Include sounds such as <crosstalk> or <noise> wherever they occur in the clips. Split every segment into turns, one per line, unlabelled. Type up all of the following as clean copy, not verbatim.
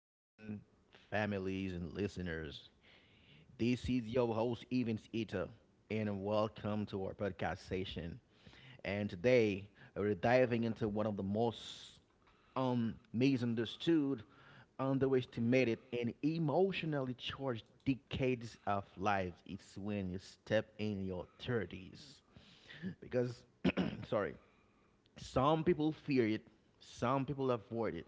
friend, families, and listeners, this is your host, Evans Ita, and welcome to our podcast session. And today, we're diving into one of the most misunderstood, underestimated, and emotionally charged decades of lives. It's when you step in your 30s. Because, <clears throat> sorry, some people fear it, some people avoid it,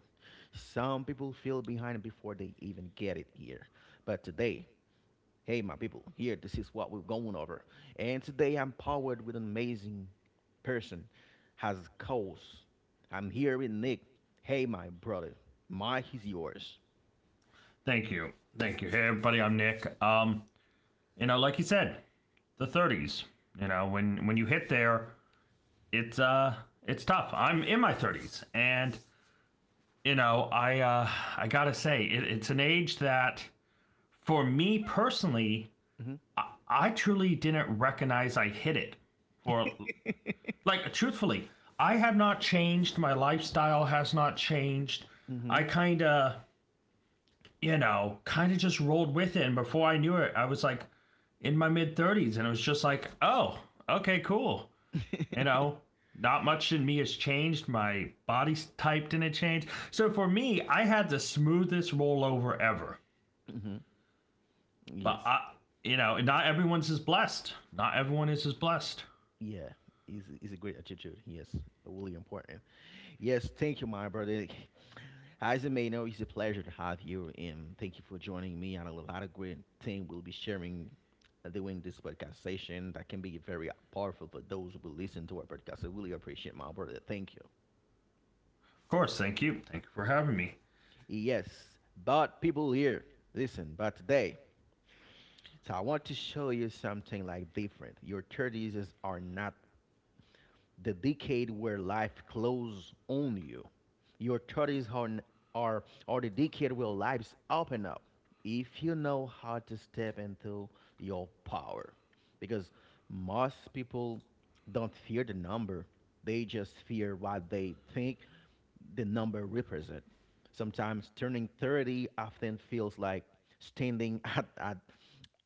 some people feel behind before they even get it here. But today, hey, my people, here, this is what we're going over. And today, I'm powered with an amazing person, has cause. I'm here with Nick. Hey, my brother, Mike is yours.
Thank you. Thank you. Hey everybody, I'm Nick. Like you said, the 30s. When you hit there, it's it's tough. I'm in my 30s, and you know, I uh I got to say it, it's an age that, for me personally,
hmm
I truly didn't recognize I hit it. For, like, truthfully, I have not changed, my lifestyle has not changed. I
hmm
kind of just rolled with it. And before I knew it, I was like in my mid 30s, and it was just like, oh, okay, cool. You
<laughs>
know, not much in me has changed. My body type didn't change. So for me, I had the smoothest rollover ever.
hmm
But
Yes.
I, you know, not everyone's as blessed. Not everyone is as blessed.
Yeah. Is a great attitude. Yes. Really important. Yes, thank you, my brother. As you may know, it's a pleasure to have you, and thank you for joining me. And a lot of great things we'll be sharing during this podcast session that can be very powerful for those who will listen to our podcast. I really appreciate my brother. Thank you.
Of course, thank you. Thank you for having me.
Yes, but people here, listen, but today, so I want to show you something like different. Your 30s are not the decade where life closes on you. Your 30s are the decade where lives open up if you know how to step into your power. Because most people don't fear the number, they just fear what they think the number represents. Sometimes turning 30 often feels like standing <laughs> at, at,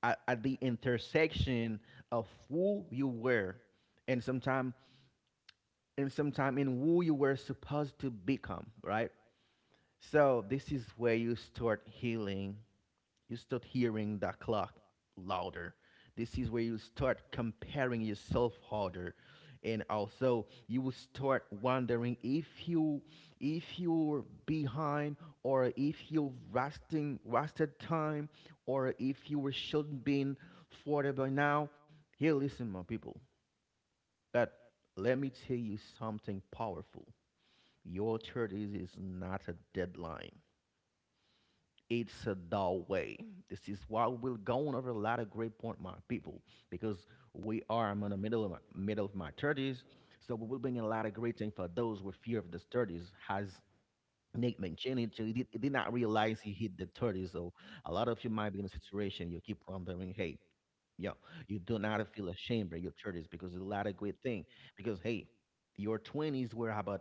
at, at the intersection of who you were and sometime in who you were supposed to become, right? So this is where you start healing. You start hearing the clock louder. This is where you start comparing yourself harder, and also you will start wondering if you're behind or if you're wasting wasted time or if you were shouldn't been further by now. Here, listen, my people, but let me tell you something powerful. Your churches is not a deadline. It's a doorway. This is why we're going over a lot of great point, my people, because we are. I'm in the middle of my thirties, so we will bring a lot of great thing for those with fear of the 30s. Has Nate mentioned it? So he did not realize he hit the 30s. So a lot of you might be in a situation you keep wondering, hey, yo, you do not feel ashamed of your thirties because it's a lot of great thing. Because hey, your 20s were about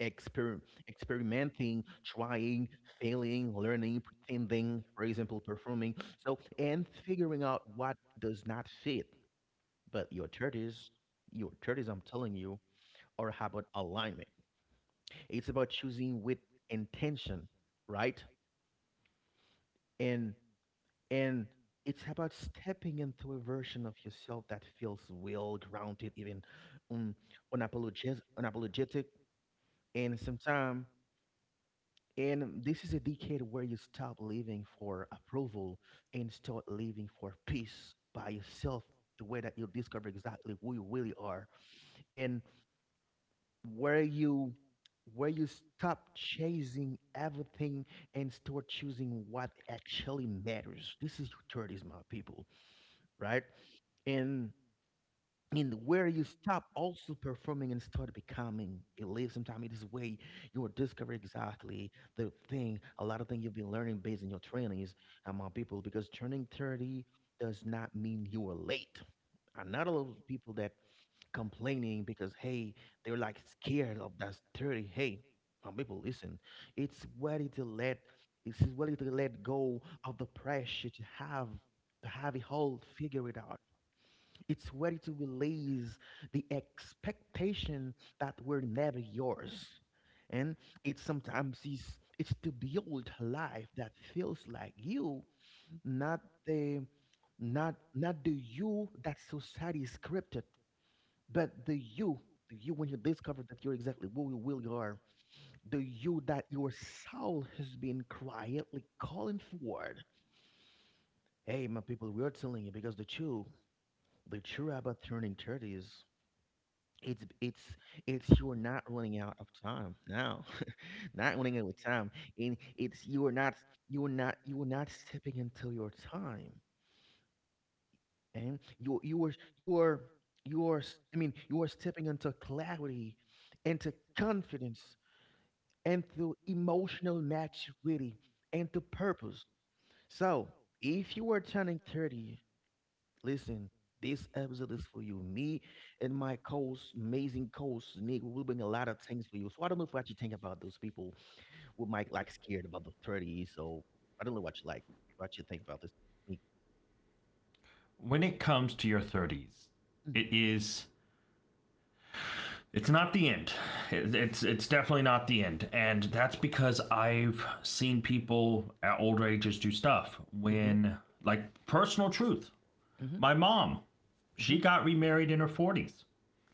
exper- experimenting, trying, failing, learning, pretending, for example, performing. So, and figuring out what does not fit. But your 30s, I'm telling you, are about alignment. It's about choosing with intention, right? And and it's about stepping into a version of yourself that feels well grounded, even um, unapologetic, and sometimes. And this is a decade where you stop living for approval and start living for peace by yourself, the way that you discover exactly who you really are and where you where you stop chasing everything and start choosing what actually matters. This is your 30s, my people, right? And and where you stop also performing and start becoming it lives sometimes it is way you will discover exactly the thing a lot of things you've been learning based on your trainings among people because turning 30 does not mean you are late and not a lot of people that complaining because hey they're like scared of that 30, hey, people listen, it's ready to let this is ready to let go of the pressure to have it all figured out, it's ready to release the expectation that were never yours. And it sometimes is it's to build a life that feels like you, not the not the you that society is scripted, but the you when you discover that you're exactly who you are, the you that your soul has been quietly calling forward. Hey, my people, we are telling you because the truth about turning 30s, it's it's you're not running out of time now, <laughs> not running out of time, and it's you're not stepping into your time, and you're you're s- I mean you're stepping into clarity, into confidence, into emotional maturity, and to purpose. So if you are turning 30, listen, this episode is for you. Me and my co-host Nick, we will bring a lot of things for you. So I don't know what you think about those people who might like scared about the 30s. So I don't know what you think about this. Nick.
When it comes to your 30s, it is It's not the end. It's definitely not the end, and that's because I've seen people at older ages do stuff
Mm-hmm.
when, like, personal truth.
Mm-hmm.
My mom,
Mm-hmm.
she got remarried in her forties.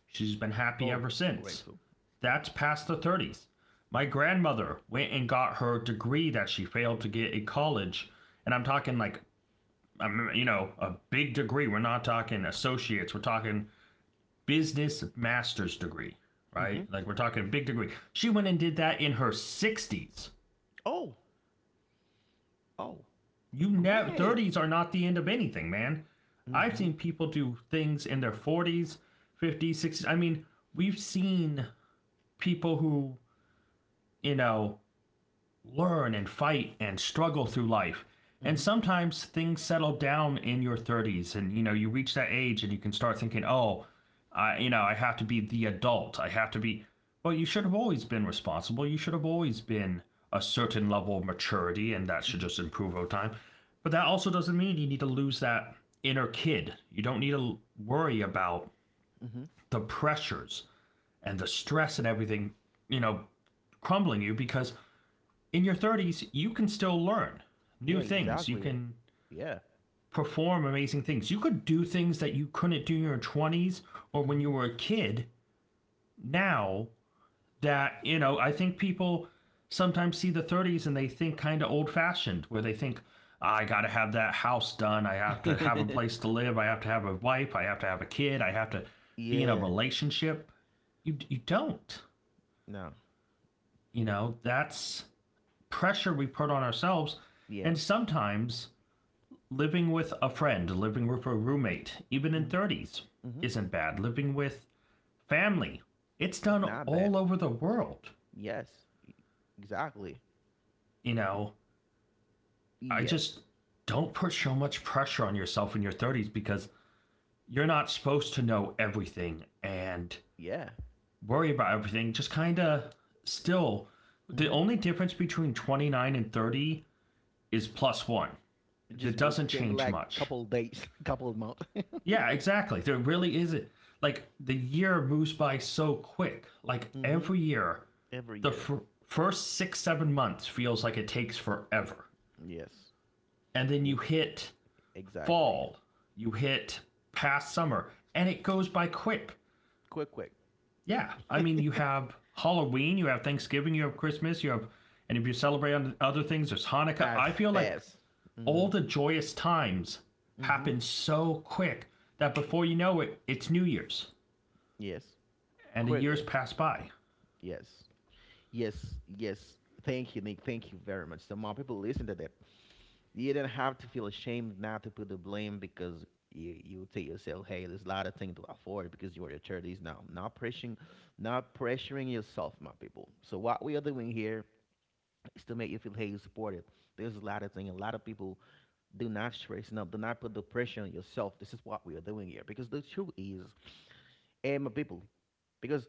She's been happy
Oh,
ever since.
grateful. Yes.
That's past the 30s. My
Mm-hmm.
grandmother went and got her degree that she failed to get at college, and I'm talking like, a big degree. We're not talking associates. We're talking business master's degree,
Mm-hmm.
right? Like, we're talking a big degree. She went and did that in her 60s.
Oh, oh,
You never
great.
30s are not the end of anything, man. I've
Mm-hmm.
seen people do things in their 40s, 50s, 60s. I mean, we've seen people who you know, learn and fight and struggle through life. And
Mm-hmm.
sometimes things settle down in your 30s, and you know you reach that age and you can start thinking, oh, I you know I have to be the adult. I have to be. Well, you should have always been responsible. You should have always been a certain level of maturity, and that should
Mm-hmm.
just improve over time. But that also doesn't mean you need to lose that inner kid. You don't need to worry about
Mm-hmm.
the pressures and the stress and everything, you know, crumbling you, because in your 30s, you can still learn
Yeah,
new things. You
exactly.
can
Yeah.
perform amazing things. You could do things that you couldn't do in your 20s or when you were a kid, now that, I think people sometimes see the 30s and they think kind of old fashioned, where they think, "Ah, I got to have that house done. I have to have a
Mm-hmm.
place to live. I have to have a wife. I have to have a kid. I have to
<laughs>
be in a
yeah.
relationship." You don't.
No.
That's pressure we put on ourselves.
Yeah.
And sometimes living with a friend, living with a roommate, even in
Mm-hmm.
30s,
Mm-hmm.
isn't bad. Living with family, it's
It's
done
not bad.
all over the world.
Yes. E- Exactly.
You know, I
Yes.
just don't put so much pressure on yourself in your 30s, because you're not supposed to know everything and
Yeah.
worry about everything. Just kind of still, the
Mhm.
only difference between 29 and 30 is plus one.
It just
That
blows. It
doesn't
can be
change
like
much.
couple days, <laughs> couple months.
Yeah, exactly. There really isn't. Like, the year moves by so quick. Like
<laughs> Mhm.
every year,
Every
the
year.
first 6-7 months feels like it takes forever,
Yes.
and then you
It's
hit
exactly
fall, you hit past summer, and it goes by quick.
quick,
Yeah, I mean, you have Halloween, you have Thanksgiving, you have Christmas, you have, and if you celebrate on other things, there's Hanukkah.
as
I feel like
fast.
all
hmm
the joyous times
Mhm.
happen so quick that before you know it, it's New Year's.
Yes.
And the years
Quickly.
pass by.
Yes. Yes. Yes. Thank you, Nick. Thank you very much. So more people listen to that you don't have to feel ashamed not to put the blame because you tell yourself, hey, there's a lot of things to afford because you're in your 30s now. Not pressuring yourself, my people. So what we are doing here is to make you feel hey you're supported. There's a lot of things. A lot of people do not stress up, do not put the pressure on yourself. This is what we are doing here. Because the truth is, hey my people, because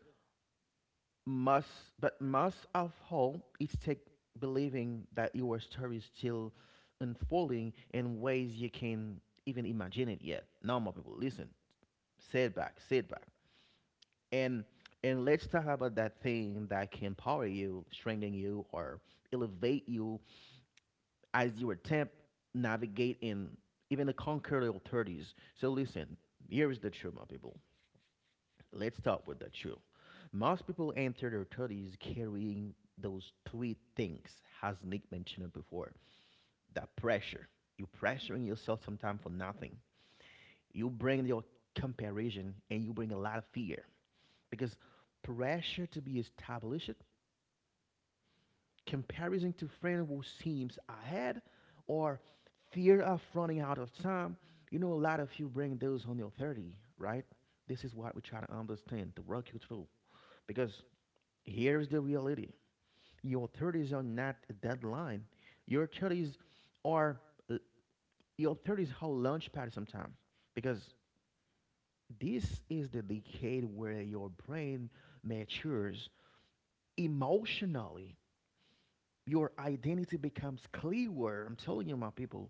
most, but most of all, it's take believing that your story is still unfolding in ways you can even imagine it yet. Normal people, listen, setback, and let's talk about that thing that can empower you, strengthen you, or elevate you as you attempt navigate in even the conquer your thirties. So listen, here is the truth, my people. Let's start with the truth. Most people enter their 30s carrying those three things, as Nick mentioned before. The pressure. You're pressuring yourself sometimes for nothing. You bring your comparison and you bring a lot of fear because pressure to be established, comparison to friend who seems ahead, or fear of running out of time. You know, a lot of you bring those on your 30, right? This is what we try to understand, to work you through. Because here's the reality, your 30s are not a deadline. Your 30s are, l- your 30s are launch pad sometimes because this is the decade where your brain matures emotionally. Your identity becomes clearer, I'm telling you, my people,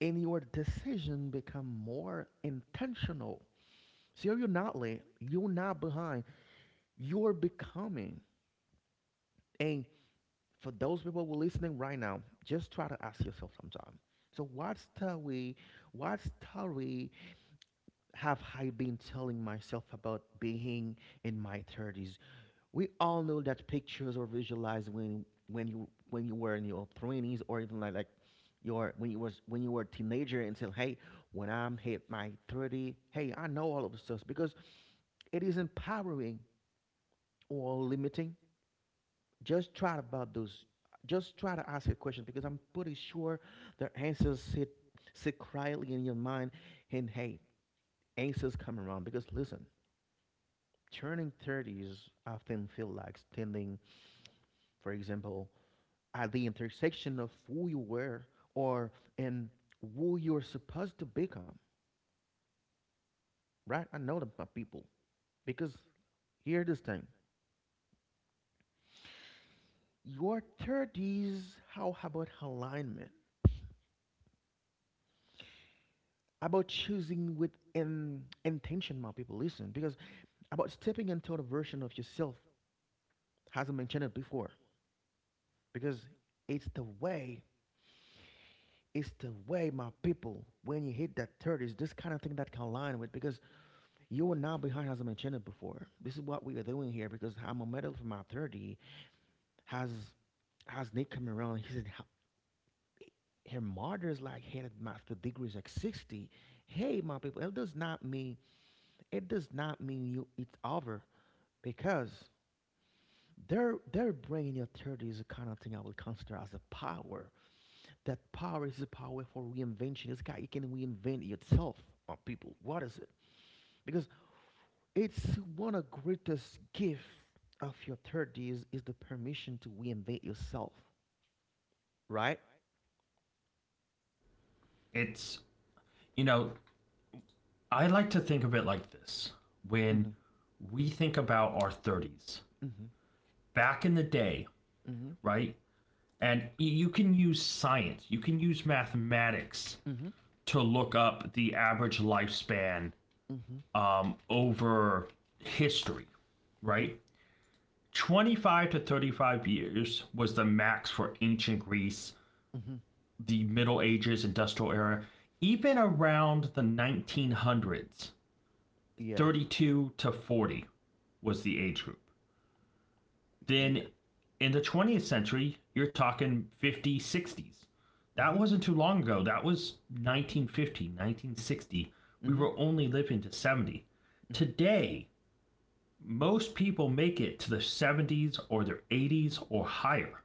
and your decision become more intentional. So you're not late, you're not behind, you're becoming. And for those people who are listening right now, just try to ask yourself sometime. So what story have I been telling myself about being in my thirties? We all know that pictures are visualized when you were in your twenties or even like your when you was when you were a teenager and said, hey, when I'm hit my 30, hey, I know all of this stuff because it is empowering or limiting. just try about those just try to ask your question because I'm pretty sure the answers sit quietly in your mind, and hey, answers come around because listen, turning 30s often feel like standing, for example, at the intersection of who you were or and who you're supposed to become, right? I know that, my people, because here this thing, your 30s how about alignment, about choosing with intention, my people. Listen, because about stepping into the version of yourself, as I mentioned it before, because it's the way, it's the way, my people. When you hit that thirties, this kind of thing that can align with because you are now behind, as I mentioned it before. This is what we are doing here because I'm a medal for my 30. Has has Nick come around? He said. Her mother's like had master degrees like 60. Hey, my people, it does not mean you it's over because their brain in your 30s is the kind of thing I would consider as a power. That power is a power for reinvention. This guy got can reinvent yourself on people. What is it? Because it's one of the greatest gift of your 30s is the permission to reinvent yourself, right?
It's, you know, I like to think of it like this
Mm-hmm.
when we think about our 30s,
Mm-hmm.
back in the day, right? And you can use science, you can use mathematics
Mm-hmm.
to look up the average lifespan
Mm-hmm. Mm-hmm.
over history,
Mm-hmm.
right? 25 to 35 years was the max for ancient Greece,
Mm-hmm.
the Middle Ages, industrial era. Even around the 1900s,
Yes.
32 to 40 was the age group.
Yeah.
Then in the 20th century, you're talking 50s, 60s. That
Mm-hmm.
wasn't too long ago. That was 1950, 1960. We
Mm-hmm.
were only living to 70.
Mm-hmm.
Today, most people make it to the 70s or their 80s or higher.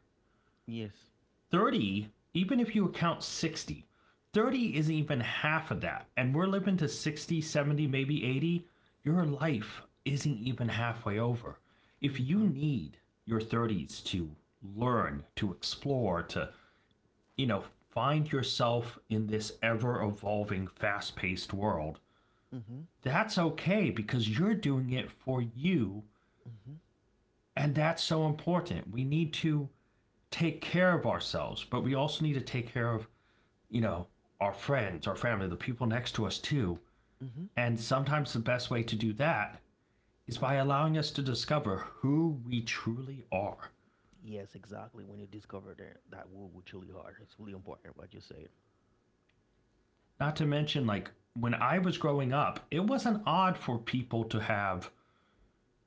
Yes.
30, even if you account 60, 30 isn't even half of that. And we're living to 60, 70, maybe 80. Your life isn't even halfway over. If you
Mm-hmm.
need your 30s to learn, to explore, to, you know, find yourself in this ever evolving, fast paced world,
Mm-hmm.
that's okay because you're doing it for you.
Mm-hmm.
And that's so important. We need to take care of ourselves, but we also need to take care of, you know, our friends, our family, the people next to us too.
Mm-hmm.
And sometimes the best way to do that is by allowing us to discover who we truly are.
Yes, exactly. When you discover that that wood would truly hard, it's really important what you said.
Not to mention, like, when I was growing up, it wasn't odd for people to have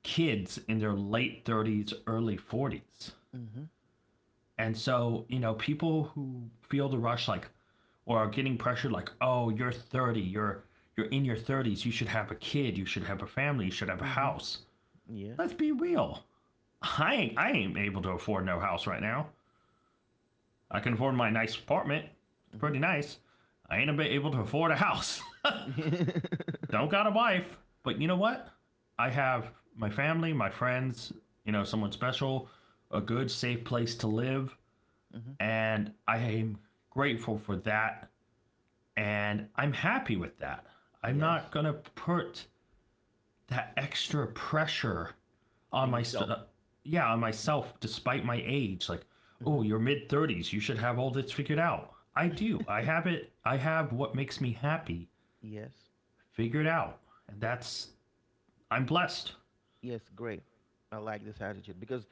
kids in their late 30s, early 40s.
Mhm.
And so, people who feel the rush, like, or are getting pressured, like, oh, you're 30, you're in your 30s, you should have a kid, you should have a family, you should have a
Mhm.
house.
Yeah.
Let's be real. I ain't able to afford no house right now. I can afford my nice apartment. It's
Mhm.
pretty nice. I ain't able to afford a house.
Mhm. <laughs>
<laughs> Don't got a wife, but you know what? I have my family, my friends, someone special, a good safe place to live, and I am grateful for that and I'm happy with that. I'm not
Yes.
going to put that extra pressure on
And
my,
yourself.
yeah, on myself, despite my age, like, oh,
Mhm.
you're mid 30s, you should have all this figured out. I do. I have it. I have what makes me happy
Yes.
figured out. And that's I'm blessed.
Yes. Great. I like this attitude because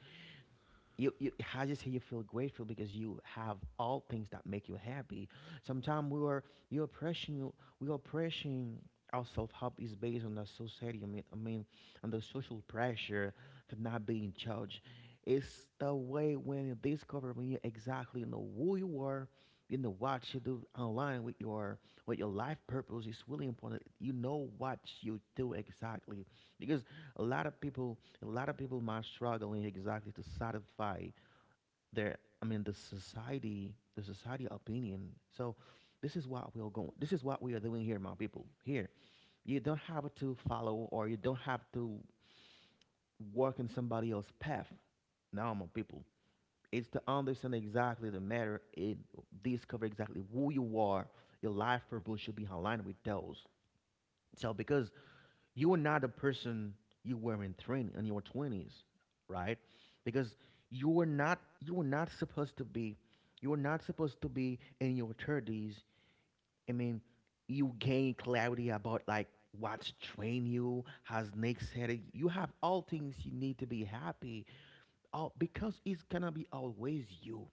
you how you say you feel grateful because you have all things that make you happy. Sometimes you are pressing you we are pressing our self help is based on the society. On the social pressure for not being judged. It's the way when you discover when you exactly know who you are, you know what you do online with your life purpose. It's really important. You know what you do exactly because a lot of people a lot of people are struggling exactly to satisfy their, the society opinion. So this is what we are doing here, my people. Here you don't have to follow or you don't have to work in somebody else's path. Now, my people, it's to understand exactly the matter, it discover exactly who you are. Your life purpose should be aligned with those. So because you are not the person you were in twenty in your twenties, right? Because you were not supposed to be, you were not supposed to be in your thirties. I mean, you gain clarity about like what's train you, has Nick said it. You have all things you need to be happy. All because it's gonna be always you.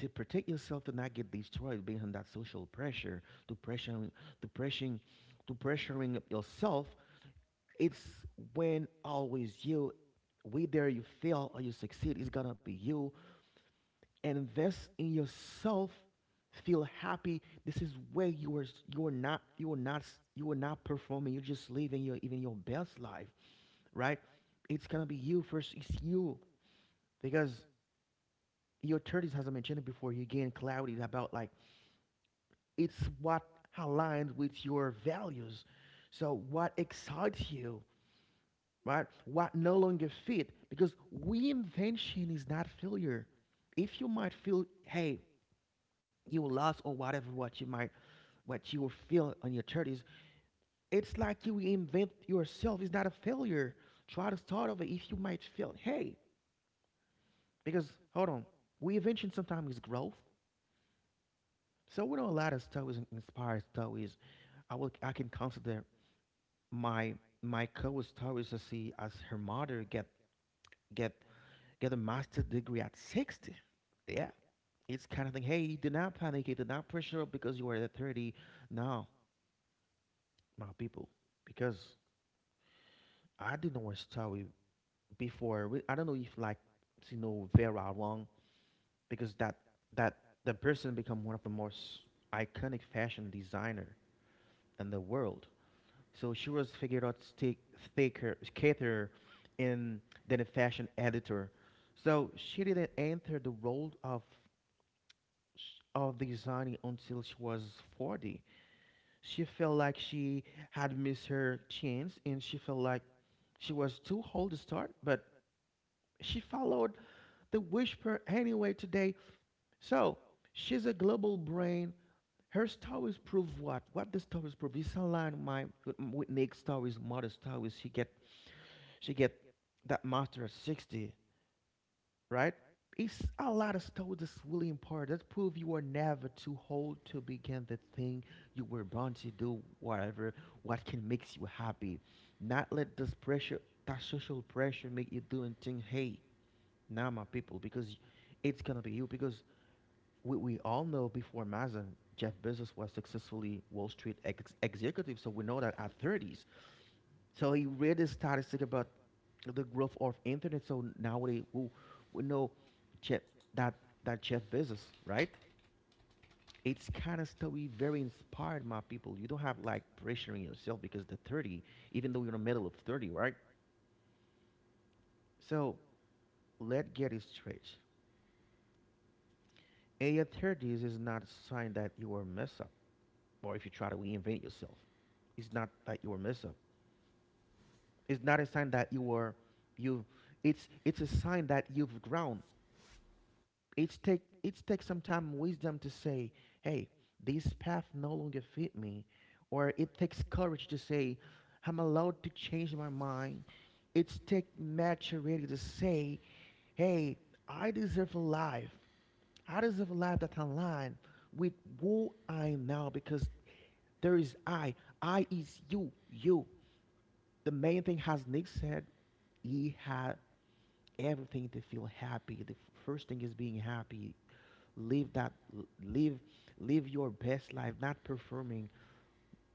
To protect yourself, to not get destroyed behind that social pressure, to pressuring to pressuring to pressuring yourself, it's when always you, whether you fail or you succeed, it's gonna be you. Invest in yourself. Feel happy. This is where you are. You are not. You are not. You are not performing. You're just living your even your best life, right? It's gonna be you first. It's you because your 30s, as I mentioned it before, you gain clarity about like it's what aligns with your values. So what excites you, right? What no longer fit, because reinvention is not failure. If you might feel, hey, you lost or whatever, what you might, what you will feel on your thirties, it's like you reinvent yourself. It's not a failure. Try to start over if you might feel, hey, because hold on, reinvention sometimes is growth. So we know a lot of stories, and inspired stories. I can consider my co-host stories to see as her mother get get a master's degree at 60. Yeah, it's kind of thing. Hey, do not panic. You do not pressure up because you are at 30. No, my people, because I didn't want to start before. I don't know if like you know Vera Wang, because that that the person become one of the most iconic fashion designer in the world. So she was figured out stick thicker cater in than a fashion editor. So she didn't enter the role of designing until she was 40. She felt like she had missed her chance and she felt like she was too old to start, but she followed the whisper anyway today. So she's a global brain. Her stories prove what? What the stories prove? It's aligned with my with Nick's stories, mother's stories. She get that master at 60, right? It's a lot of stuff that's really important. That prove you are never too old to begin the thing you were born to do, whatever, what can makes you happy. Not let this pressure, that social pressure make you do and think. Hey, now my people, because it's gonna be you. Because we all know before Amazon, Jeff Bezos was successfully Wall Street executive, so we know that at 30s, so he read the statistic about the growth of internet. So nowadays we know Jeff, that that Jeff Bezos, right? It's kind of story very inspired my people. You don't have like pressuring yourself because the 30, even though you're in the middle of 30, right? So let us get it straight. In your 30s is not a sign that you are a mess up or if you try to reinvent yourself. It's not that you are a mess up. It's not a sign that you are you it's a sign that you've grown. It's take some time and wisdom to say, hey, this path no longer fit me, or it takes courage to say, I'm allowed to change my mind. It's take maturity to say, hey, I deserve a life. I deserve a life that can align with who I am now because there is I. I is you. You. The main thing, as Nick said, he had everything to feel happy. The first thing is being happy, live that live live your best life, not performing.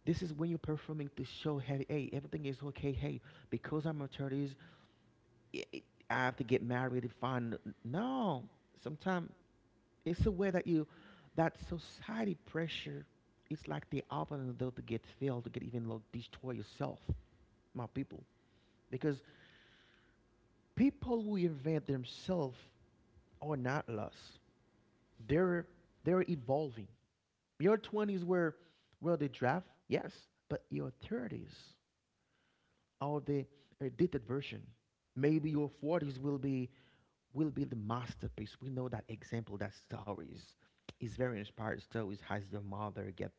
This is when you're performing to show, hey, hey everything is okay, hey because I'm a 30s, i i- have to get married and find. No, sometimes it's a way that you, that society pressure, it's like the open the door to get failed, to get even like destroy yourself, my people, because people who invent themselves are not lost, they're they're evolving. Your 20s were, well, the draft, yes, but your 30s are the edited version. Maybe your 40s will be, the masterpiece. We know that example, that stories is very inspired stories. Has your mother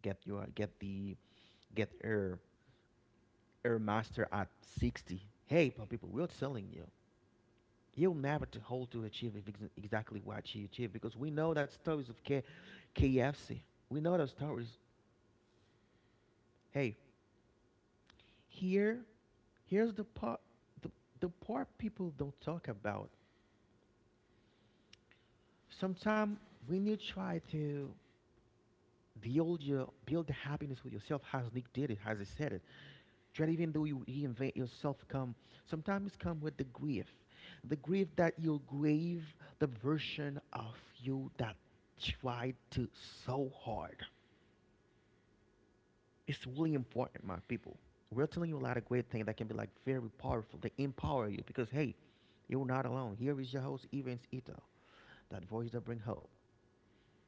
get your get the get her master at 60? Hey, but people, we're telling you, you'll never to hold to achieve exactly what she achieved because we know that stories of KFC. We know those stories. Hey, here here's the part, the, the part people don't talk about. Sometimes when you try to build the happiness with yourself, as Nick did it, as he said it, try to even though you reinvent yourself come sometimes come with the grief. The grief that you grieve the version of you that tried to so hard. It's really important, my people. We're telling you a lot of great things that can be like very powerful. They empower you because hey, you're not alone. Here is your host, Evans Ito. That voice that bring hope.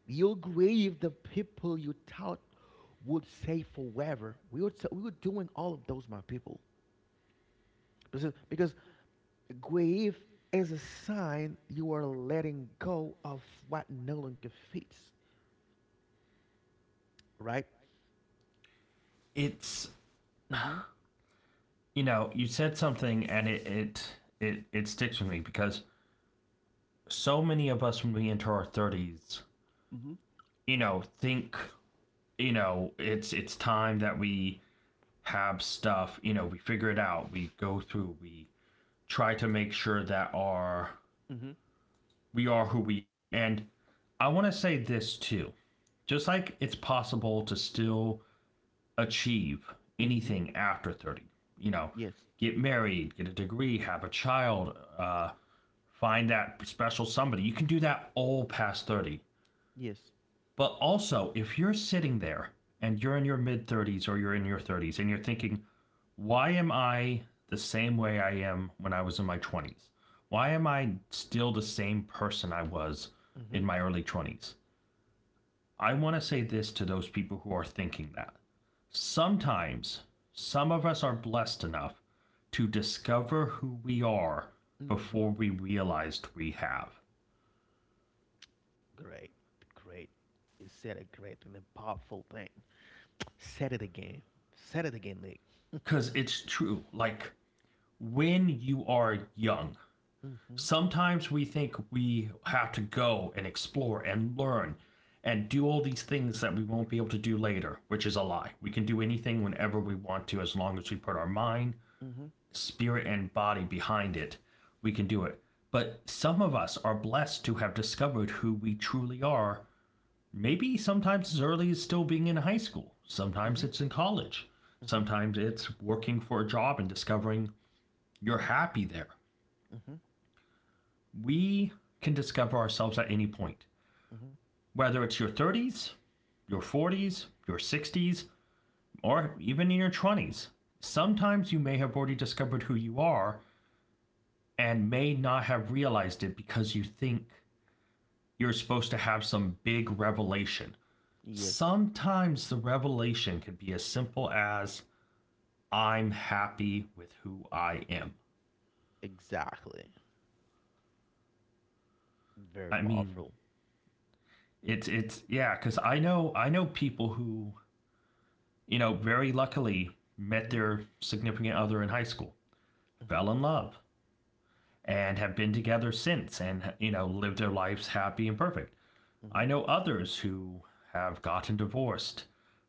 Your grave, the people you tout would say forever. We would say, we were doing all of those, my people. Because grave is a sign you are letting go of what no longer fits, right?
it's
Mm-hmm.
you know you said something, and it sticks with me, because so many of us, when we enter our 30s,
Mm-hmm.
think, it's time that we have stuff, we figure it out, we go through, we try to make sure that our
Mm-hmm.
we are who we are. And I want to say this too. Just like it's possible to still achieve
Mm-hmm.
anything after 30, you know,
Yes.
get married, get a degree, have a child, find that special somebody. You can do that all past 30.
Yes.
But also, if you're sitting there and you're in your mid 30s or you're in your 30s and you're thinking, why am I the same way I am when I was in my 20s? Why am I still the same person I was
Mm-hmm.
in my early 20s? I want to say this to those people who are thinking that. Sometimes, some of us are blessed enough to discover who we are
Mm-hmm.
before we realized we have.
Great. Great. You said a great and a powerful thing. Said it again. Said it again, Nick.
Because it's true. Like, when you are young,
Mm-hmm.
sometimes we think we have to go and explore and learn and do all these things that we won't be able to do later, which is a lie. We can do anything whenever we want to as long as we put our mind,
Mm-hmm.
spirit, and body behind it. We can do it. But some of us are blessed to have discovered who we truly are, maybe sometimes as early as still being in high school,
Mm-hmm.
sometimes it's in college,
Mm-hmm.
sometimes it's working for a job and discovering you're happy there.
Mm-hmm. mm-hmm.
We can discover ourselves at any point, whether it's your 30s, your 40s, your 60s, or even in your 20s. Sometimes you may have already discovered who you are and may not have realized it because you think you're supposed to have some big revelation.
Yes,
Sometimes the revelation can be as simple as I'm happy with who I am.
exactly. Very
I mean,
powerful.
it's yeah, cuz I know people who, very luckily met
Mm-hmm.
their significant other in high school,
Mm-hmm.
fell in love, and have been together since, and, lived their lives happy and perfect. I
Mm-hmm.
know others who have gotten divorced,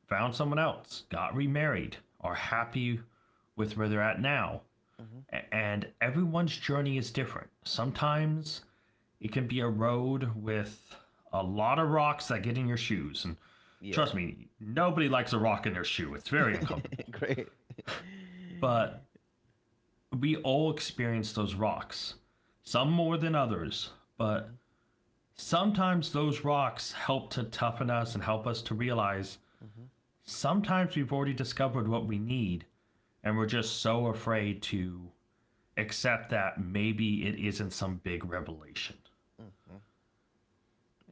found someone else, got remarried, are
Mm-hmm.
happy with where they're at now.
Mm-hmm.
And everyone's journey is different. Sometimes it can be a road with a lot of rocks that get in your shoes. And
Yeah.
trust me, nobody likes a rock in their shoe, it's very uncomfortable.
<laughs> Great. <laughs>
But we all experience those rocks, some more than others, but
Mm-hmm.
sometimes those rocks help to toughen us and help us to realize
Mm-hmm.
sometimes we've already discovered what we need, and we're just so afraid to accept that maybe it isn't some big revelation,
Mm-hmm.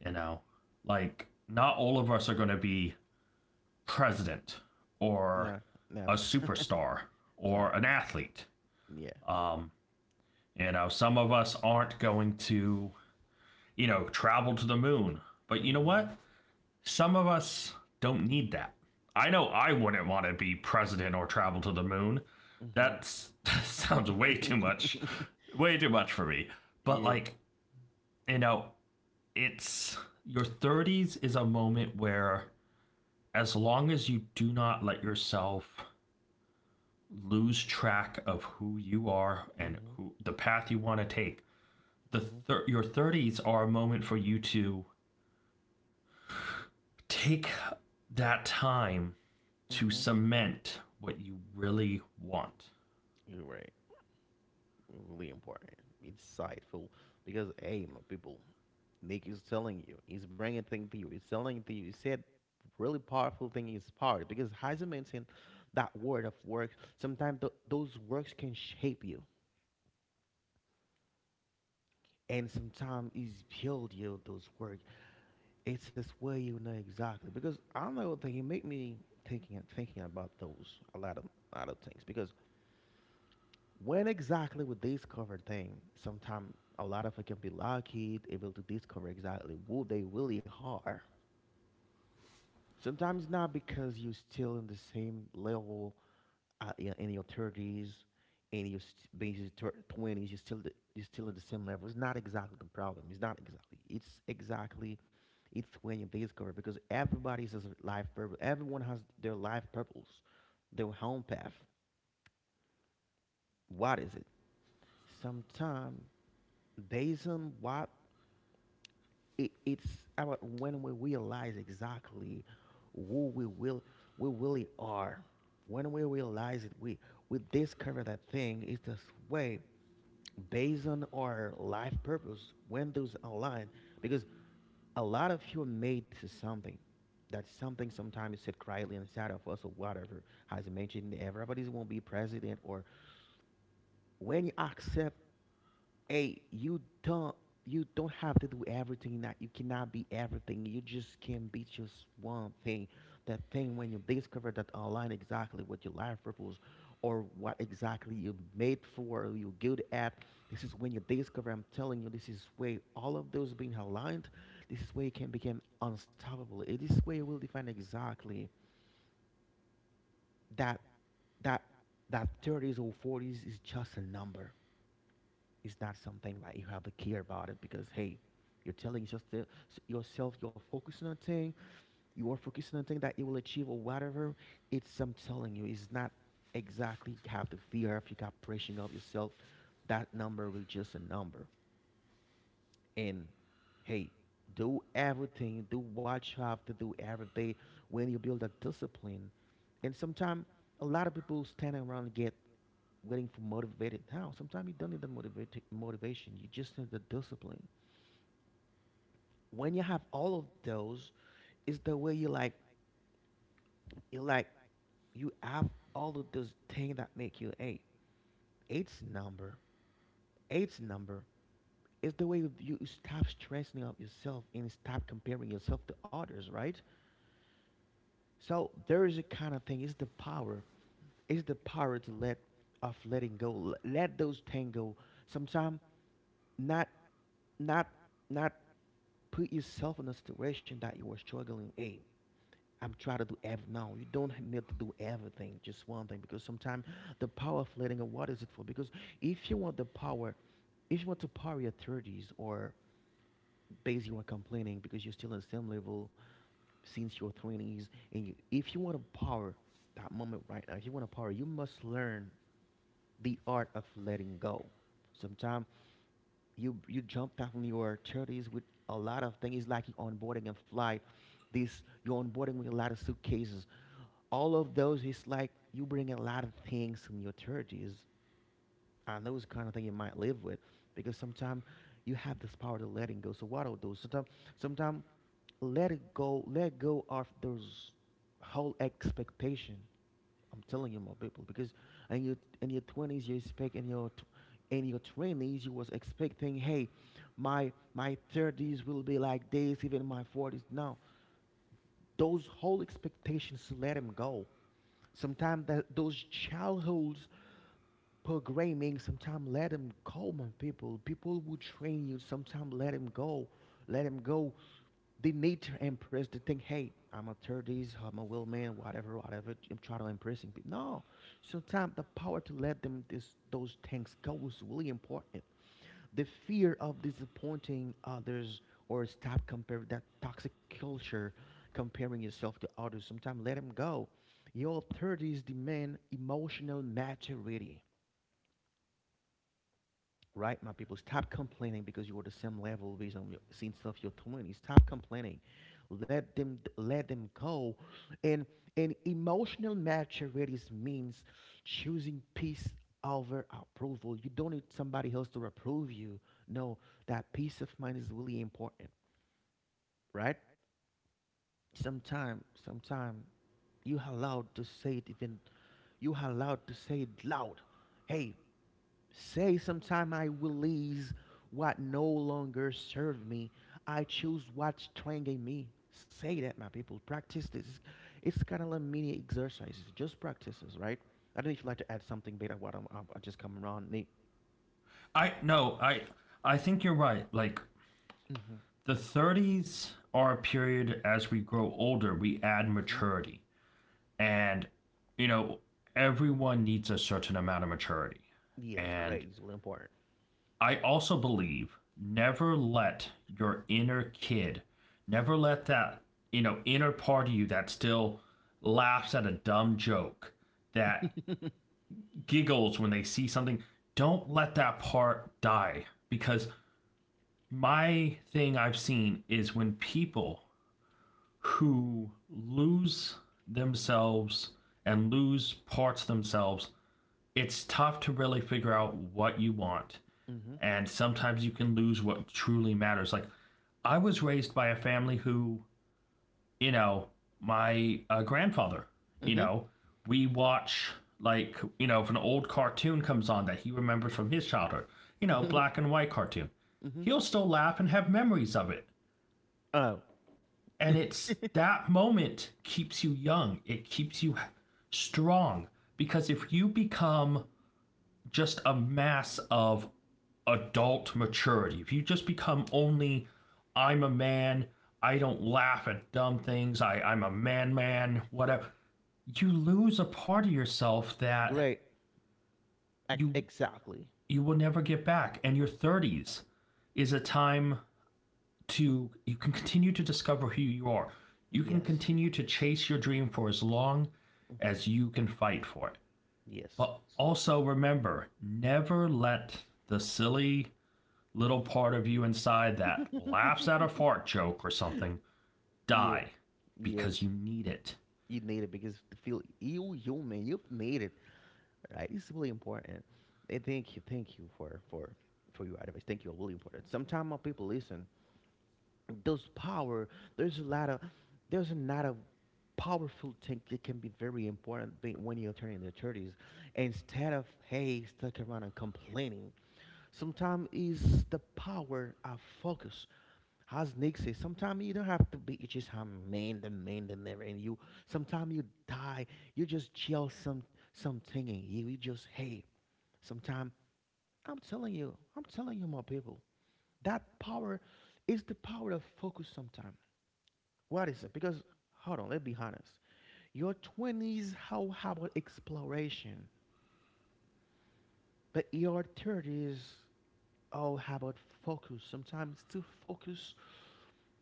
you know? Like, not all of us are going to be president or
No,
a
never.
superstar
<laughs> No.
or an athlete.
Yeah.
Um, some of us aren't going to, travel to the moon. But you know
Mm-hmm.
what? Some of us don't need that. I know I wouldn't want to be president or travel to the moon. <laughs> That sounds
Mm-hmm. <laughs>
way too much for me. But
Yeah.
like, you know, it's your 30s is a moment where as long as you do not let yourself lose track of who you are and
Mm-hmm.
who the path you want to take.
Mm-hmm.
Your 30s are a moment for you to take that time to
Mm-hmm.
cement what you really want.
You're right. Really important. It's insightful. Because hey, my people. Nick is telling you, he's bringing thing to you, he's telling to you. He said really powerful thing is power because Heiser mentioned that word of work. Sometimes those works can shape you, and sometimes it's build you those work. It's just where you know exactly because I don't know that he make me thinking and thinking about those a lot of other things because when exactly we discover thing, sometimes a lot of it can be lucky able to discover exactly who they really are. Sometimes not, because you're still in the same level, yeah, in your thirties, in your basically twenties. You're still at the same level. It's not exactly the problem. It's not exactly. It's exactly. It's when you discover, because everybody has a life purpose. Everyone has their life purpose, their home path. What is it? Sometimes based on what it's our when we realize exactly who we will we really are. When we realize it, we discover that thing is this way based on our life purpose when those align, because a lot of you are made to something, that something sometimes is said quietly inside of us or whatever. As I mentioned, everybody's won't be president, or when you accept, hey, you don't have to do everything, that you cannot be everything. You just can be just one thing. That thing when you discover that online exactly what your life purpose, or what exactly you made for or you're good at. This is when you discover, I'm telling you, this is where all of those being aligned, this is where you can become unstoppable. It is where you will define exactly that that that thirties or forties is just a number. It's not something like you have to care about it, because hey, you're telling yourself, you're focusing on a thing, that you will achieve or whatever. It's I'm telling you, it's not exactly have the fear if you got pressing of yourself. That number will just a number. And hey, do everything, do what you have to do every day when you build a discipline. And sometimes a lot of people standing around get waiting for motivated now. Sometimes you don't need the motivation. You just need the discipline. When you have all of those, it's the way you like you have all of those things that make you a Eight's number. Eight's number is the way you stop stressing out yourself and stop comparing yourself to others, right? So there is a kind of thing. It's the power. It's the power to let of letting go. Let those things go. Sometimes not not not put yourself in a situation that you were struggling. Hey, I'm trying to do everything. No, you don't need to do everything, just one thing. Because sometimes the power of letting go, what is it for? Because if you want the power, if you want to power your 30s, or basically, you are complaining because you're still in the same level since your 20s, and if you want to power that moment right now, if you want to power, you must learn the art of letting go. Sometimes you jump out from your thirties with a lot of things. It's like you're onboarding a flight. This You're onboarding with a lot of suitcases. All of those, it's like you bring a lot of things from your thirties. And those kind of thing you might live with, because sometimes you have this power to letting go. So what are those? Sometimes let it go. Let go of those whole expectation. I'm telling you, my people, because in your in your twenties, you expect in your tw- in your twenties, you was expecting, hey, my thirties will be like this, even my forties. Now, those whole expectations, let them go. Sometimes that those childhoods programming, sometimes let them go, my people. People will train you. Sometimes let them go they need to impress. They think, hey, I'm a 30s, I'm a will man, whatever, whatever. I'm trying to impressing people. No, sometimes the power to let them this those things go is really important. The fear of disappointing others or stop comparing that toxic culture, comparing yourself to others. Sometimes let them go. Your 30s demand emotional maturity, right, my people? Stop complaining because you're the same level based on your, since of your twenties. Stop complaining. Let them go. And and emotional maturity means choosing peace over approval. You don't need somebody else to approve you. No, that peace of mind is really important, right? Sometime you allowed to say it, even you allowed to say it loud. Hey, say, sometime I release what no longer serve me. I choose what's twanging me. Say that, my people. Practice this. It's kind of like mini exercises, just practices, right? I don't know if you'd like to add something, Beta. What I'm I just coming around. Nate.
I no, I think you're right. Like
Mm-hmm.
the 30s are a period. As we grow older, we add
Mm-hmm.
maturity. And you know, everyone needs a certain amount of maturity.
Yes,
And
great. It's really important.
I also believe never let your inner kid, never let that, inner part of you that still laughs at a dumb joke, that
<laughs>
giggles when they see something. Don't let that part die. Because my thing I've seen is when people who lose themselves and lose parts of themselves, it's tough to really figure out what you want.
Mm-hmm.
And sometimes you can lose what truly matters. Like, I was raised by a family who, you know, my grandfather, you
Mm-hmm.
know, we watch, like, if an old cartoon comes on that he remembers from his childhood, black
<laughs>
and white cartoon,
Mm-hmm.
he'll still laugh and have memories of it.
Oh,
And it's that moment keeps you young, it keeps you strong. Because if you become just a mass of adult maturity. If you just become only, I'm a man, I don't laugh at dumb things, I'm a man man, whatever, you lose a part of yourself that
great.
you
Exactly.
you will never get back. And your 30s is a time to you can continue to discover who you are. You can
Yes.
continue to chase your dream for as long
Hmm.
as you can fight for it.
Yes.
But also remember, never let the silly little part of you inside that laughs at a fart joke or something
<laughs> Yeah.
die because
Yes.
you need it.
You need it because to feel you human, you need it. Right? It's really important. And thank you for your advice. Thank you, really important. Sometimes my people listen, those power. There's a lot of there's a lot of powerful thing that can be very important when you're turning your thirties. Instead of hey, stuck around and complaining, sometimes is the power of focus as Nick says, sometimes you don't have to be you just have man the never in you. Sometimes you die, you just gel something in you. You just hey, sometimes I'm telling you my people, that power is the power of focus sometimes. What is it? Because hold on, let's be honest. Your twenties, how about exploration? But your thirties, oh how about focus? Sometimes to focus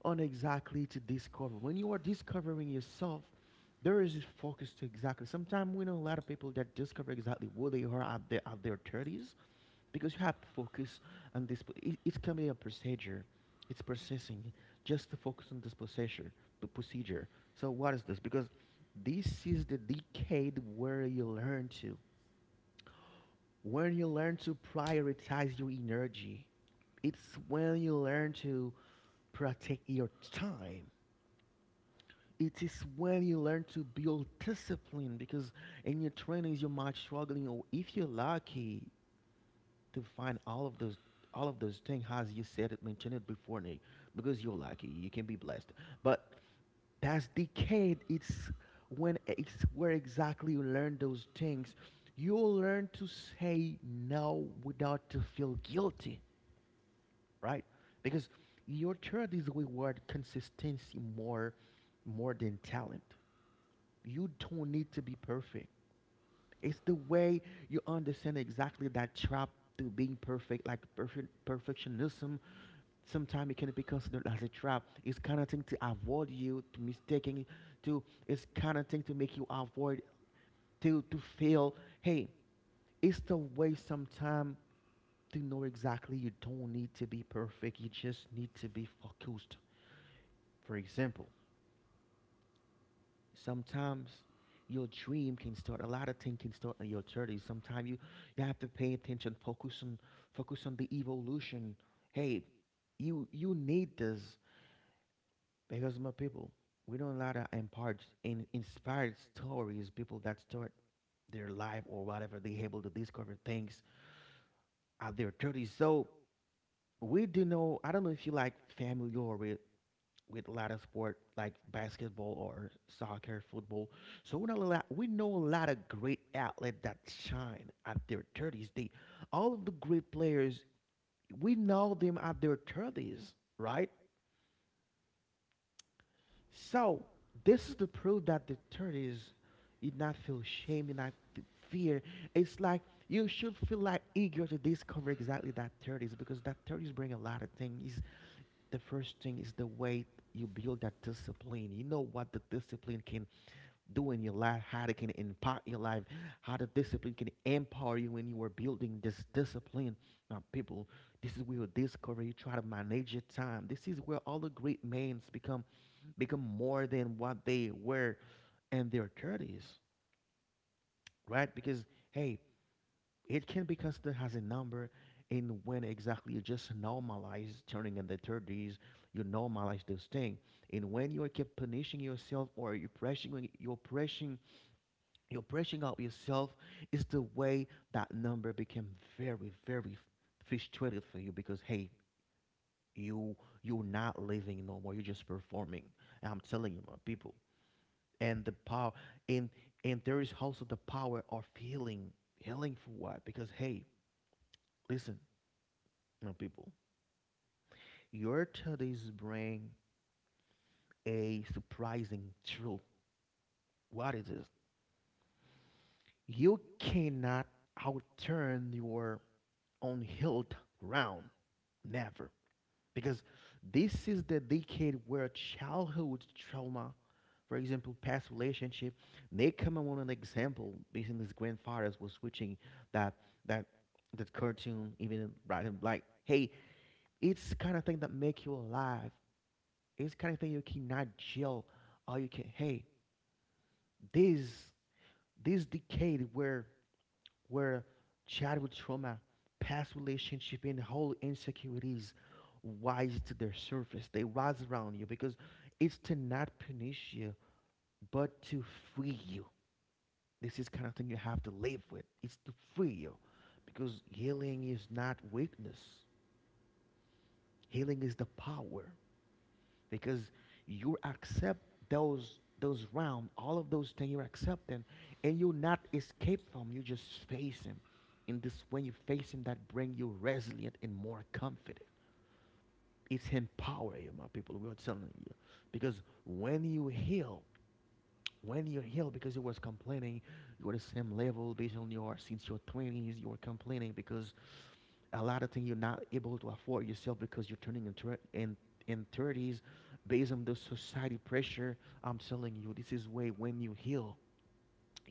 on exactly to discover. When you are discovering yourself, there is this focus to exactly. Sometimes we know a lot of people that discover exactly who they are at their thirties because you have to focus on this. It can be a procedure. It's processing just to focus on this procedure. The procedure. So what is this? Because this is the decade where you learn to, when you learn to prioritize your energy. It's when you learn to protect your time, it is when you learn to build discipline because in your 20s you might struggling, or if you're lucky to find all of those things as you said it mentioned it before, Nick, because you're lucky you can be blessed. But that's decade, it's when it's where exactly you learn those things. You'll learn to say no without to feel guilty, right? Because your third is reward consistency more than talent. You don't need to be perfect. It's the way you understand exactly that trap to being perfect, like perfectionism. Sometimes it can be considered as a trap. It's kind of thing to avoid you to mistaking to. It's kind of thing to make you avoid to fail. Hey, it's the way sometimes to know exactly you don't need to be perfect. You just need to be focused. For example, sometimes your dream can start, a lot of things can start in your 30s. Sometimes you have to pay attention, focus on the evolution. Hey, you need this because, my people, we don't a lot of impart in inspired stories, people that start their life or whatever they able to discover things at their 30s. So we do know, I don't know if you like familiar with a lot of sport like basketball or soccer, football. So we know a lot of great athletes that shine at their 30s. They, all of the great players, we know them at their 30s, right? So this is the proof that the 30s, you not feel shame, you not f- fear. It's like you should feel like eager to discover exactly that 30s because that 30s bring a lot of things. The first thing is the way you build that discipline. You know what the discipline can do in your life, how it can impact your life, how the discipline can empower you when you are building this discipline. Now, people, this is where you discover you try to manage your time. This is where all the great men's become more than what they were in their thirties, right? Because hey, it can be considered as a number in when exactly you just normalize turning in the 30s, you normalize this thing. And when you keep punishing yourself, or you're pressing you're brushing out yourself is the way that number became very, very frustrated for you because hey, you you're not living no more. You're just performing. And I'm telling you, my people. And the power, and and there is also the power of healing. Healing for what? Because hey, listen, my people, your studies bring a surprising truth. What is this? You cannot outturn your own hilt round. Never. Because this is the decade where childhood trauma, for example, past relationship, they come on an example based on his grandfathers was switching that that that cartoon even, right? And like hey, it's kind of thing that make you alive. It's kind of thing you cannot jail or you can hey, this this decade where where childhood trauma, past relationship, and whole insecurities rise to their surface. They rise around you because it's to not punish you, but to free you. This is kind of thing you have to live with. It's to free you because healing is not weakness. Healing is the power. Because you accept those realm, all of those things you accept them, and you not escape from. You just face him. And this when you face him, that bring you resilient and more confident. It's empower you, my people. We are telling you because when you heal, because you was complaining, you are the same level based on your since your twenties. You were complaining because a lot of things you're not able to afford yourself because you're turning into it in 30s based on the society pressure. I'm telling you, this is way when you heal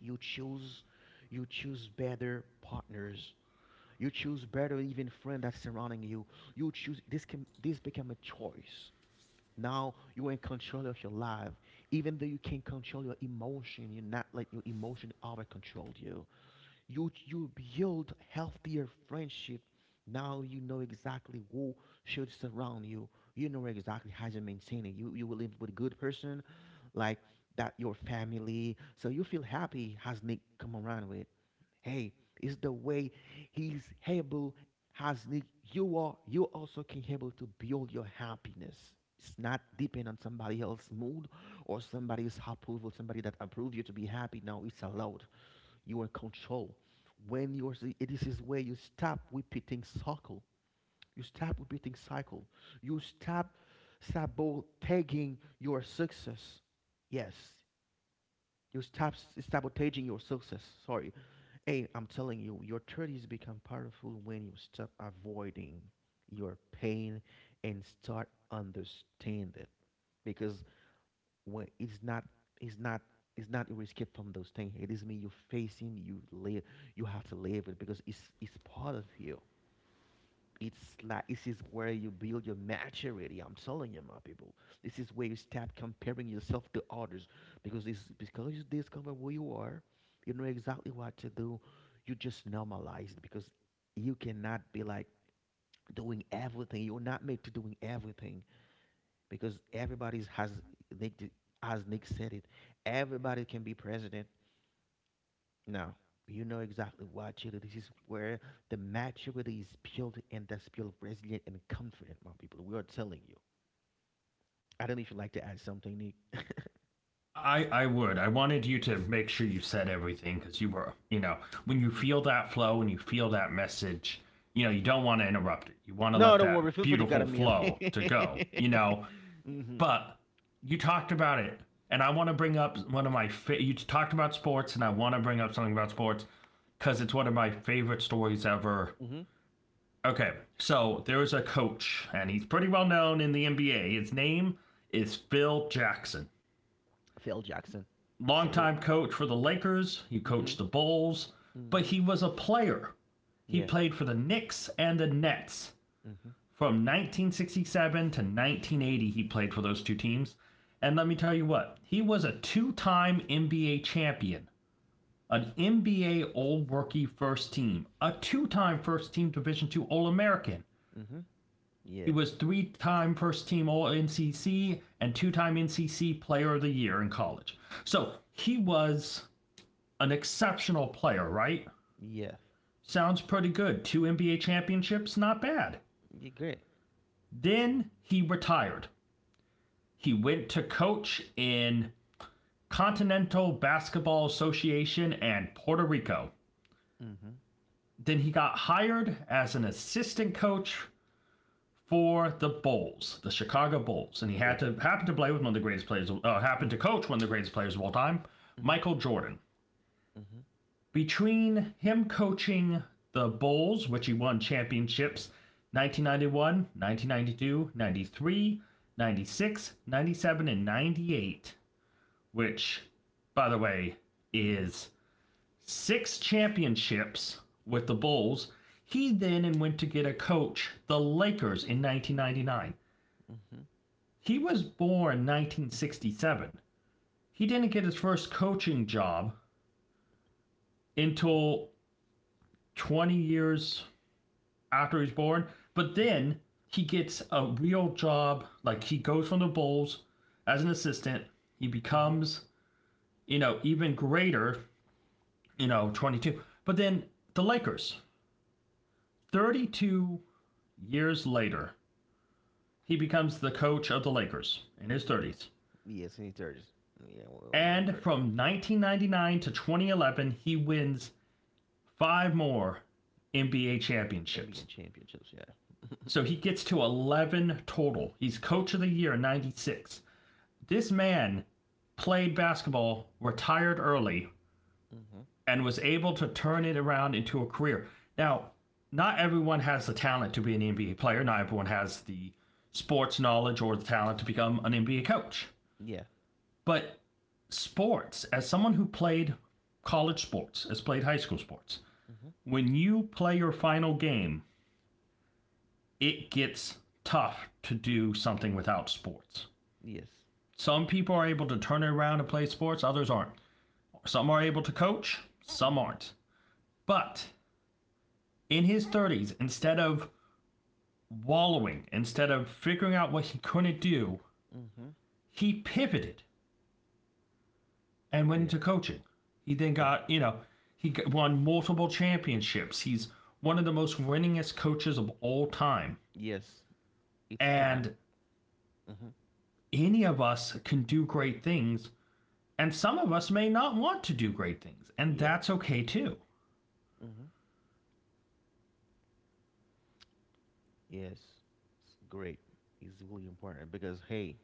you choose, you choose better partners, you choose better even friend that's surrounding you, you choose this can this become a choice. Now you're in control of your life, even though you can't control your emotion, you're not let your emotion over control you. You build healthier friendship. Now you know exactly who should surround you. You know exactly how to maintain it. You will live with a good person, like that your family. So you feel happy has Nick come around with. Hey, is the way he's able has Nick you are you also can able to build your happiness. It's not depend on somebody else's mood or somebody's approval, somebody that approve you to be happy. No, it's allowed. You are in control. When you're, it is his way, you stop repeating cycle. You stop repeating cycle. You stop sabotaging your success. Yes, you stop sabotaging your success. Sorry. Hey, I'm telling you, your 30s become powerful when you stop avoiding your pain and start understanding it. Because when it's not it's not you escape from those things. It is me you are facing you live you have to live it because it's part of you. It's like this is where you build your maturity. I'm telling you, my people. This is where you stop comparing yourself to others because you discover who you are, you know exactly what to do. You just normalize it because you cannot be like doing everything. You're not made to doing everything because everybody's has Nick d- as Nick said it, everybody can be president. Now you know exactly what you do. This is where the maturity is built, and that's built resilient and confident, my people. We are telling you. I don't know if you'd like to add something, Nick.
I would. I wanted you to make sure you said everything because you were, when you
Hmm.
feel that flow and you feel that message, you don't want to interrupt it. You want to
No,
let
don't worry.
that
Feel free to cut
beautiful
me up.
flow to go.
<laughs> Hmm.
But you talked about it, and I want to bring up one of my. You talked about sports, and I want to bring up something about sports because it's one of my favorite stories ever.
Hmm.
Okay, so there is a coach, and he's pretty well known in the NBA. His name is Phil Jackson.
Phil Jackson, salute.
Longtime coach for the Lakers, he coached
Hmm.
the Bulls, but
Hmm.
he was a player. He
Yeah.
played for the Knicks and the Nets.
Hmm.
From 1967 to 1980, he played for those two teams. And let me tell you what, he was a two time NBA champion, an NBA All Rookie First Team, a two time First Team Division 2 All American.
Hmm. Yeah.
He was three time first team All NCC and two time NCC Player of the Year in college. So he was an exceptional player, right?
Yeah.
Sounds pretty good. Two NBA championships, not bad.
You great.
Then he retired. He went to coach in Continental Basketball Association and Puerto Rico.
Hmm.
Then he got hired as an assistant coach for the Bulls, the Chicago Bulls, and he
Yeah.
had to happen to play with one of the greatest players, happened
Hmm.
to coach one of the greatest players of all time,
Hmm.
Michael Jordan.
Hmm.
Between him coaching the Bulls, which he won championships 1991, 1992, 93, 96, 97, and 98, which, by the way,
Mhm.
is six championships with the Bulls. He then went to get a coach, the Lakers, in 1999.
Mhm.
He was born 1967. He didn't get his first coaching job until 20 years after he was born, but
Mhm.
then he gets a real job. Like he goes from the Bulls as an assistant. He
Mhm.
becomes, even greater, 22. But then the Lakers, 32 years later, he becomes the coach of the Lakers in his
Yeah.
30s.
Yes, any thirties. Yeah, well, I
And
remember.
from 1999 to 2011, he wins five more NBA championships.
NBA championships, yeah.
So he
<laughs>
gets to 11 total. He's coach of the year in 96. This man played basketball, retired early,
Mhm.
and was able to turn it around into a career. Now, not everyone has the talent to be an NBA player. Not everyone has the sports knowledge or the talent to become an NBA coach.
Yeah.
But sports, as someone who played college sports, has played high school sports,
Mhm.
when you play your final game it gets tough to do something without sports.
Yes.
Some people are able to turn it around and play sports, others aren't. Some are able to coach, some
Mhm.
aren't. But in his 30s, instead of wallowing, instead of figuring out what he couldn't do,
Mhm.
he pivoted and went
Yeah.
into coaching. He then
Yeah.
got, he won multiple championships. He's one of the most winningest coaches of all time.
Yes. It's kind.
And
Mhm.
any of us can do great things. And some of us may not want to do great things, and
Yeah.
that's okay too.
Mhm. Yes. It's great. It's really important because hey,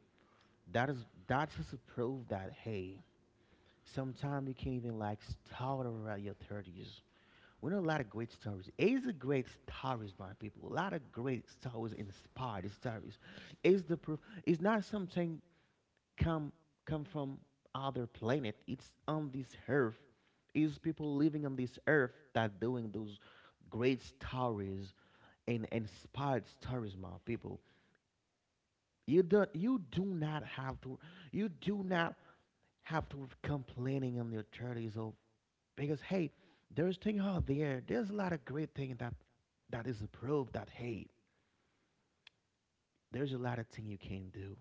that is to prove that hey, sometimes you can't even like start over at your 30s. We know a lot of great stories. It's a great stories, my people. A lot of great stories inspired stories. It's the proof it's not something come come from other planet. It's on this earth. It's people living on this earth that doing those great stories and inspired stories, my people. You do not have to you do not have to complaining in your thirties or because hey, there's thing out there. There's a lot of great thing that is approved. That hey, there's a lot of thing you can do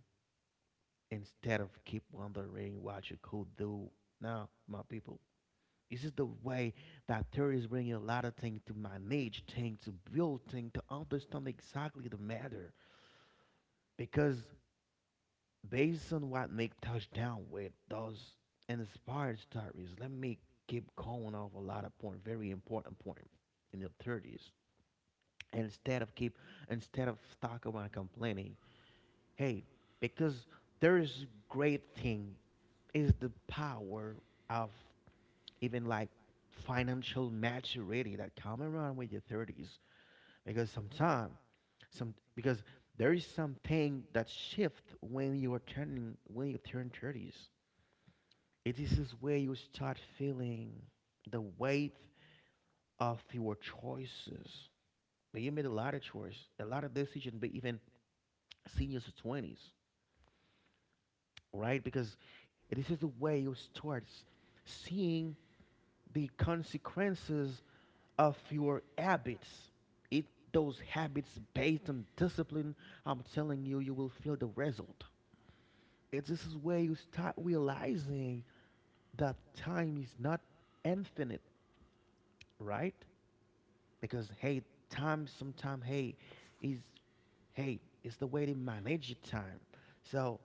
instead of keep wondering what you could do. Now, my people, this is the way that theory is bringing a lot of things to manage, things to build, things to understand exactly the matter. Because based on what Nick touched down with, those inspired stories. Let me keep going off a lot of point, very important point in the 30s. Instead of keep instead of stuck around complaining hey because there is great thing is the power of even like financial maturity that come around with your 30s because sometime some because there is something that shift when you are turning when you turn 30s it is where you start feeling the weight of your choices you made a lot of choice a lot of decision but even seniors or 20s, right? Because this is the way you start seeing the consequences of your habits. It those habits based on discipline, I'm telling you, you will feel the result. It this is where you start realizing that time is not infinite, right? Because hey, time sometimes hey is hey, it's the way they manage your time. So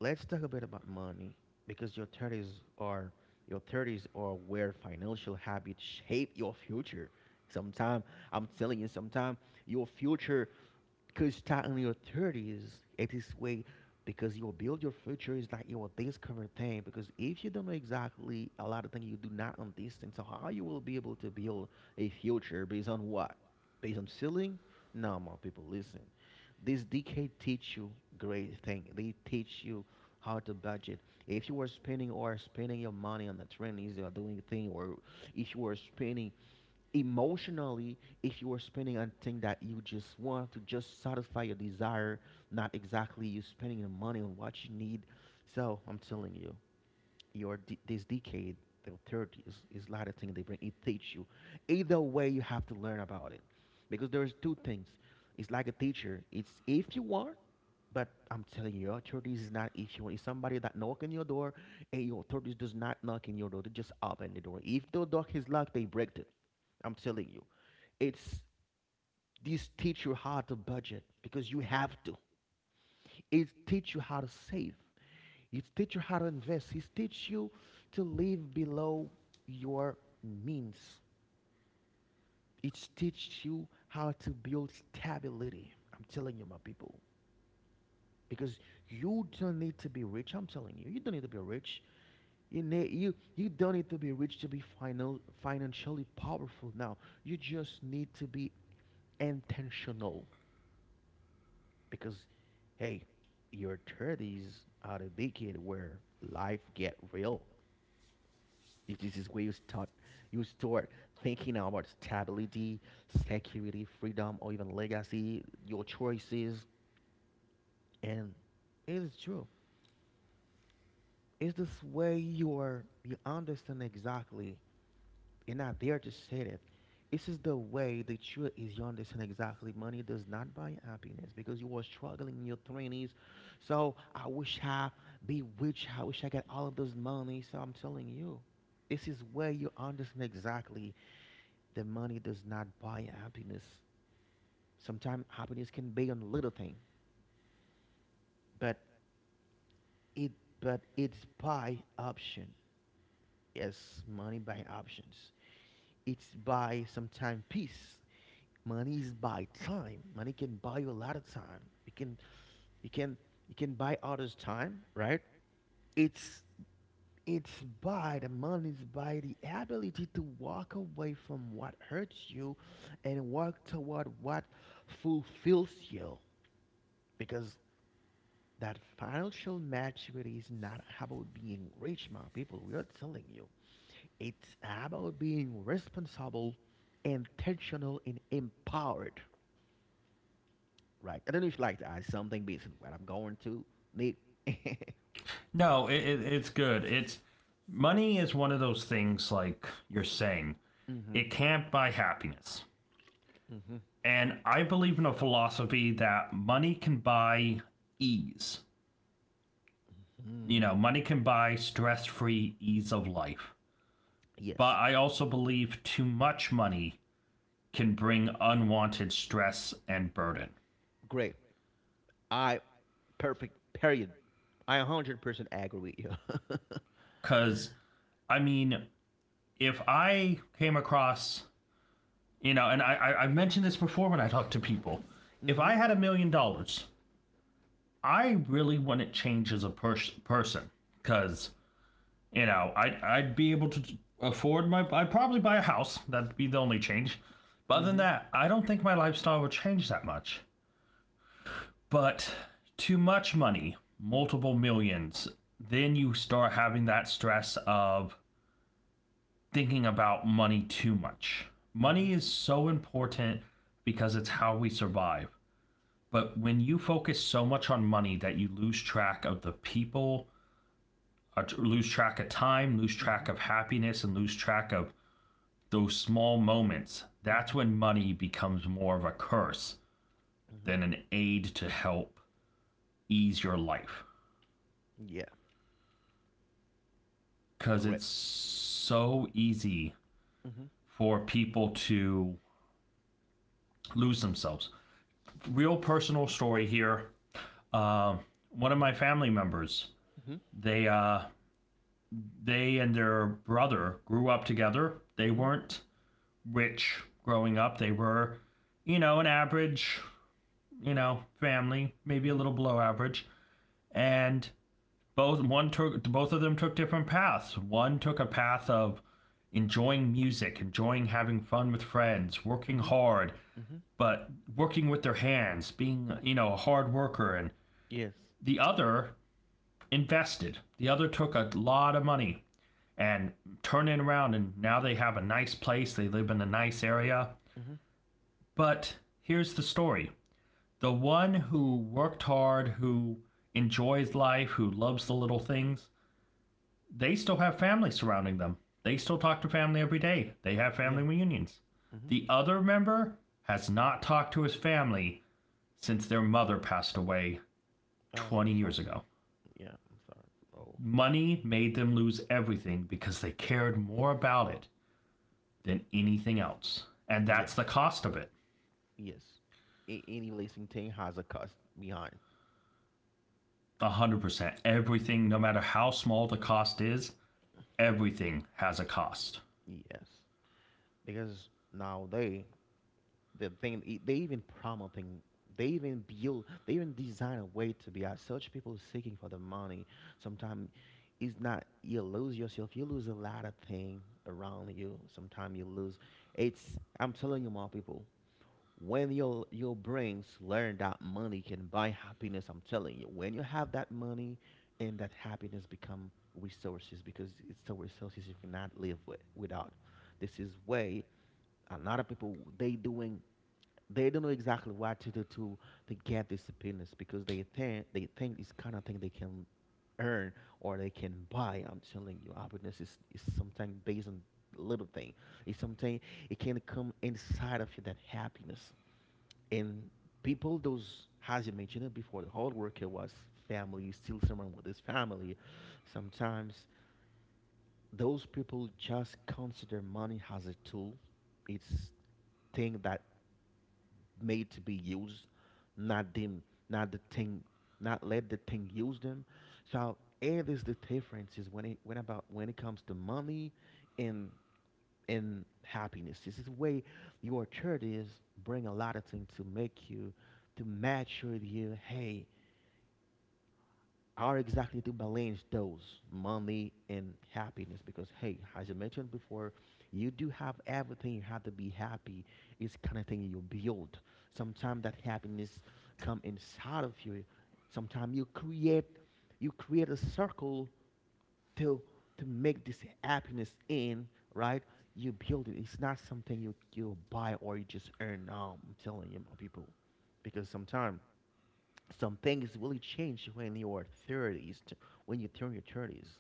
let's talk a bit about money because your 30s are where financial habits shape your future sometime I'm telling you sometime your future because you start in your 30s, it is way because you will build your future is like your this current thing. Because if you don't know exactly a lot of things you do not understand, so how you will be able to build a future based on what? Based on ceiling? No, my people, listen. This decade teach you great thing. They teach you how to budget. If you were spending your money on the trends you are doing thing, or if you were spending emotionally if you are spending on thing that you just want to just satisfy your desire not exactly you spending the money on what you need so I'm telling you your this decade the 30s is a lot of things they bring it teach you either way you have to learn about it because there's two things it's like a teacher it's if you want but I'm telling you, your 30s is not if you want. It's somebody that knock on your door, and your 30s does not knock in your door. They just open the door. If the door is locked, they break it. I'm telling you. It's these teach you how to budget because you have to. It teach you how to save. It teach you how to invest. It teach you to live below your means. It teach you how to build stability. I'm telling you, my people, because you don't need to be rich. I'm telling you, you don't need to be rich. You don't need to be rich to be final financially powerful. Now you just need to be intentional. Because hey, your thirties are the decade where life get real. If this is where you start thinking about stability, security, freedom, or even legacy, your choices, and it is true. It's this way you are you understand exactly You're not there to say it. This is the way the truth is you understand exactly money does not buy happiness because you were struggling in your twenties. So I wish I be rich. I wish I got all of those money. So I'm telling you, this is where you understand exactly the money does not buy happiness. Sometimes happiness can be on little thing, but it but it's by option. Yes, money by options. It's by sometime peace money is buy time money can buy you a lot of time you can you can you can buy others time right it's it's by the money's by the ability to walk away from what hurts you and work toward what fulfills you because that financial maturity is not about being rich my people we are telling you it's about being responsible intentional and empowered. Right. I don't know if you'd like to add something based on what I'm going to, Nick.
No, it's good. It's money is one of those things like you're saying,
Mm-hmm.
it can't buy happiness.
Mm-hmm.
And I believe in a philosophy that money can buy ease. You
Mm,
know, money can buy stress free ease of life. But
yes.
I also believe too much money can bring unwanted stress and burden.
Great. I perfect. Period. I 100% agree with you. <laughs>
Because, I mean, if I came across You know, and I've mentioned this before when I talk to people. If
Mm-hmm.
I had $1 million, I really wouldn't change as a person because I, I'd be able to afford my. I'd probably buy a house. That'd be the only change. But other than
Mm-hmm.
that, I don't think my lifestyle would change that much. But too much money, multiple millions, then you start having that stress of thinking about money too much.
Mm-hmm.
Money is so important because it's how we survive. But when you focus so much on money that you lose track of the people, lose track of time, lose
Mm-hmm.
track of happiness, and lose track of those small moments, that's
Mm-hmm.
when money becomes more of a curse
Mm-hmm.
than an aid to help ease your life.
Yeah.
Because
Great.
it's so easy
Mm-hmm.
for people to lose themselves. Real personal story here. Uh, one of my family members.
Mm-hmm.
they uh, They and their brother grew up together. They
Mm-hmm.
weren't rich growing up. They were, an average, family, maybe a
Mm-hmm.
little below average. And both of them took different paths. One took a path of enjoying music, enjoying having fun with friends, working
Mm-hmm.
hard,
Mm-hmm.
but working with their hands, being, a hard worker. And
Yes.
the other invested. The other took a lot of money and turn it around, and now they have a nice place. They live in a nice area.
Mm-hmm.
But here's the story. The one who worked hard, who enjoys life, who loves the little things, they still have family surrounding them. They still talk to family every day. They have family
Yeah.
reunions.
Mm-hmm.
The other member has not talked to his family since their mother passed away
Oh, I'm
20 years
sorry.
ago.
Yeah, I'm sorry. Oh,
Money made them lose everything because they cared more about it than anything else. And that's
yes.
the cost of it.
Yes. A- any leasing thing has a cost behind.
100%. Everything, no matter how small the cost is, everything has a cost.
Yes. because now they the thing they even promoting they even design a way to be as such people seeking for the money sometimes it's not you lose yourself you lose a lot of thing around you sometimes you lose it's I'm telling you my people when your brains learn that money can buy happiness I'm telling you when you have that money and that happiness become resources because it's the resources you cannot live with, without this is way a lot of people they doing they don't know exactly what to do to get these subpoenas because they think this kind of thing they can earn or they can buy. I'm telling you, happiness is sometimes based on little thing. It's something it can come inside of you that happiness and people those as you mentioned it before the hard worker was family still someone with his family sometimes those people just consider money as a tool it's thing that made to be used, not them, not the thing, not let the thing use them. So it is the difference is when it comes to money and and happiness. This is the way your church is bring a lot of things to make you to match with you hey how exactly to balance those money and happiness because hey as you mentioned before you do have everything you have to be happy it's kind of thing you build sometimes that happiness come inside of you sometimes you create a circle to to make this happiness in right you build it it's not something you buy or you just earn now I'm telling you my people because sometimes some things really change when you are 30s to when you turn your 30s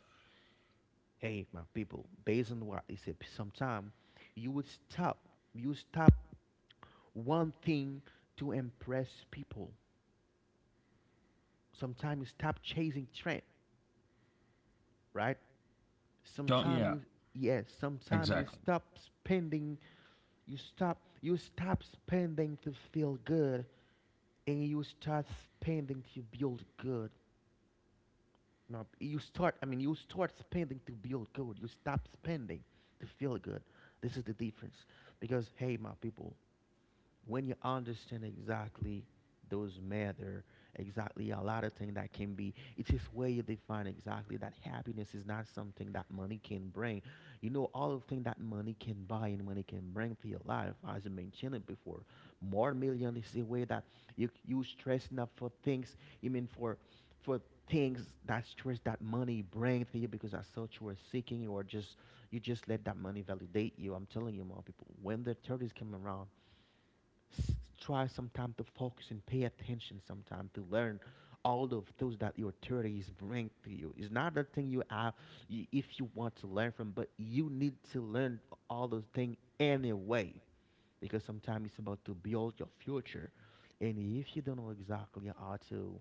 hey my people based on what I said sometime you would stop you stop one thing to impress people sometimes you stop chasing trend right
Don't,
sometimes
Yeah,
you yes sometimes
exactly.
you stop spending to feel good and you start spending to build good No, you start. I mean, you start spending to build good. You stop spending to feel good. This is the difference. Because hey, my people, when you understand exactly those matter, exactly a lot of things that can be, it is where you define exactly that happiness is not something that money can bring. You know, all of things that money can buy and money can bring to your life, as I mentioned it before. More million is the way that you stress enough for things. You mean for things that stress that money bring to you because as such you are seeking you are just you just let that money validate you. I'm telling you, more people, when the 30s come around, s- try sometime to focus and pay attention sometime to learn all of those that your 30s bring to you. It's not the thing you have, if you want to learn from, but you need to learn all those things anyway, because sometimes it's about to build your future. And if you don't know exactly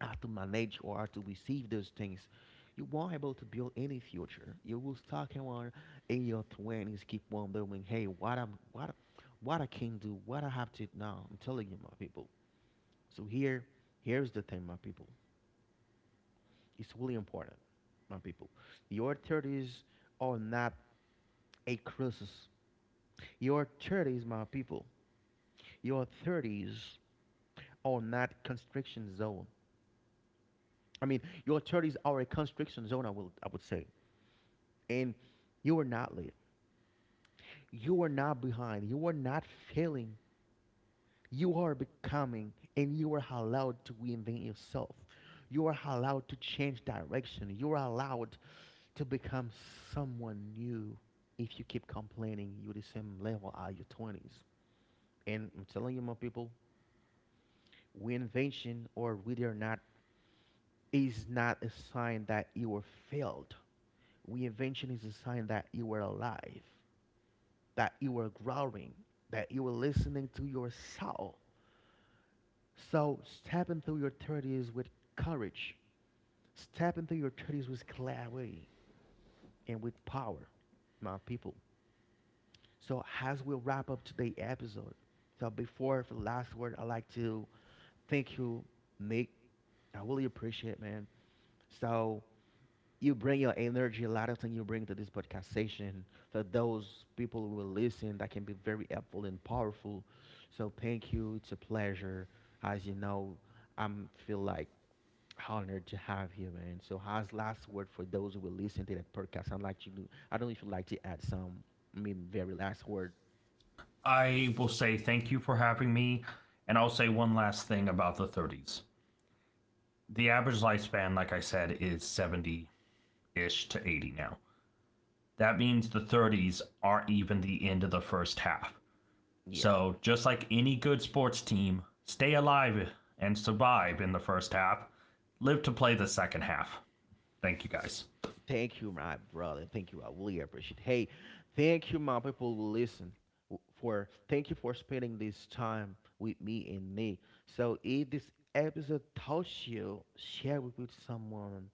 how to manage or how to receive those things, you won't able to build any future. You will stuck in one in your twenties, keep wondering, hey, what I'm, what I can do, what I have to now. I'm telling you, my people. So here, here's the thing, my people. It's really important, my people. Your thirties are not a crisis. Your thirties, my people. Your thirties are not constriction zone. I mean, your thirties are a constriction zone. I would say and you are not late. You are not behind. You are not failing. You are becoming, and you are allowed to reinvent yourself. You are allowed to change direction. You are allowed to become someone new. If you keep complaining, you're the same level as your 20s. And I'm telling you, my people, reinvention or whether or not is not a sign that you were failed. Reinvention is a sign that you were alive, that you are growing, that you are listening to your soul. So step into your 30s with courage. Step into your 30s with clarity and with power, my people. So as we wrap up today's episode, so before for the last word, I'd like to thank you, Nick. I really appreciate, it, man. So you bring your energy, a lot of things you bring to this podcast session for those people who will listen that can be very helpful and powerful. So thank you. It's a pleasure. As you know, I'm feel like honored to have you, man. So as last word for those who will listen to that podcast, I'd like you to I don't know if you'd like to add some I mean very last word.
I will say thank you for having me. And I'll say one last thing about the 30s. The average lifespan, like I said, is 70 ish to 80 now. That means the 30s aren't even the end of the first half.
Yeah.
So, just like any good sports team, stay alive and survive in the first half, live to play the second half. Thank you guys.
Thank you, my brother. Thank you. I really appreciate. Hey, thank you, my people who listen. For thank you for spending this time with me and me. So if this episode touched you, share it with someone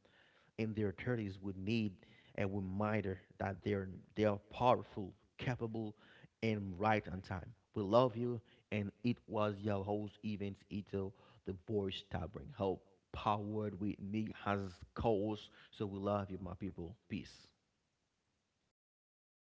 in their 30s would need a reminder that they are powerful, capable, and right on time. We love you, and it was your host Evans Ito, the voice that bring hope, powered with me as co-host. So we love you, my people. Peace.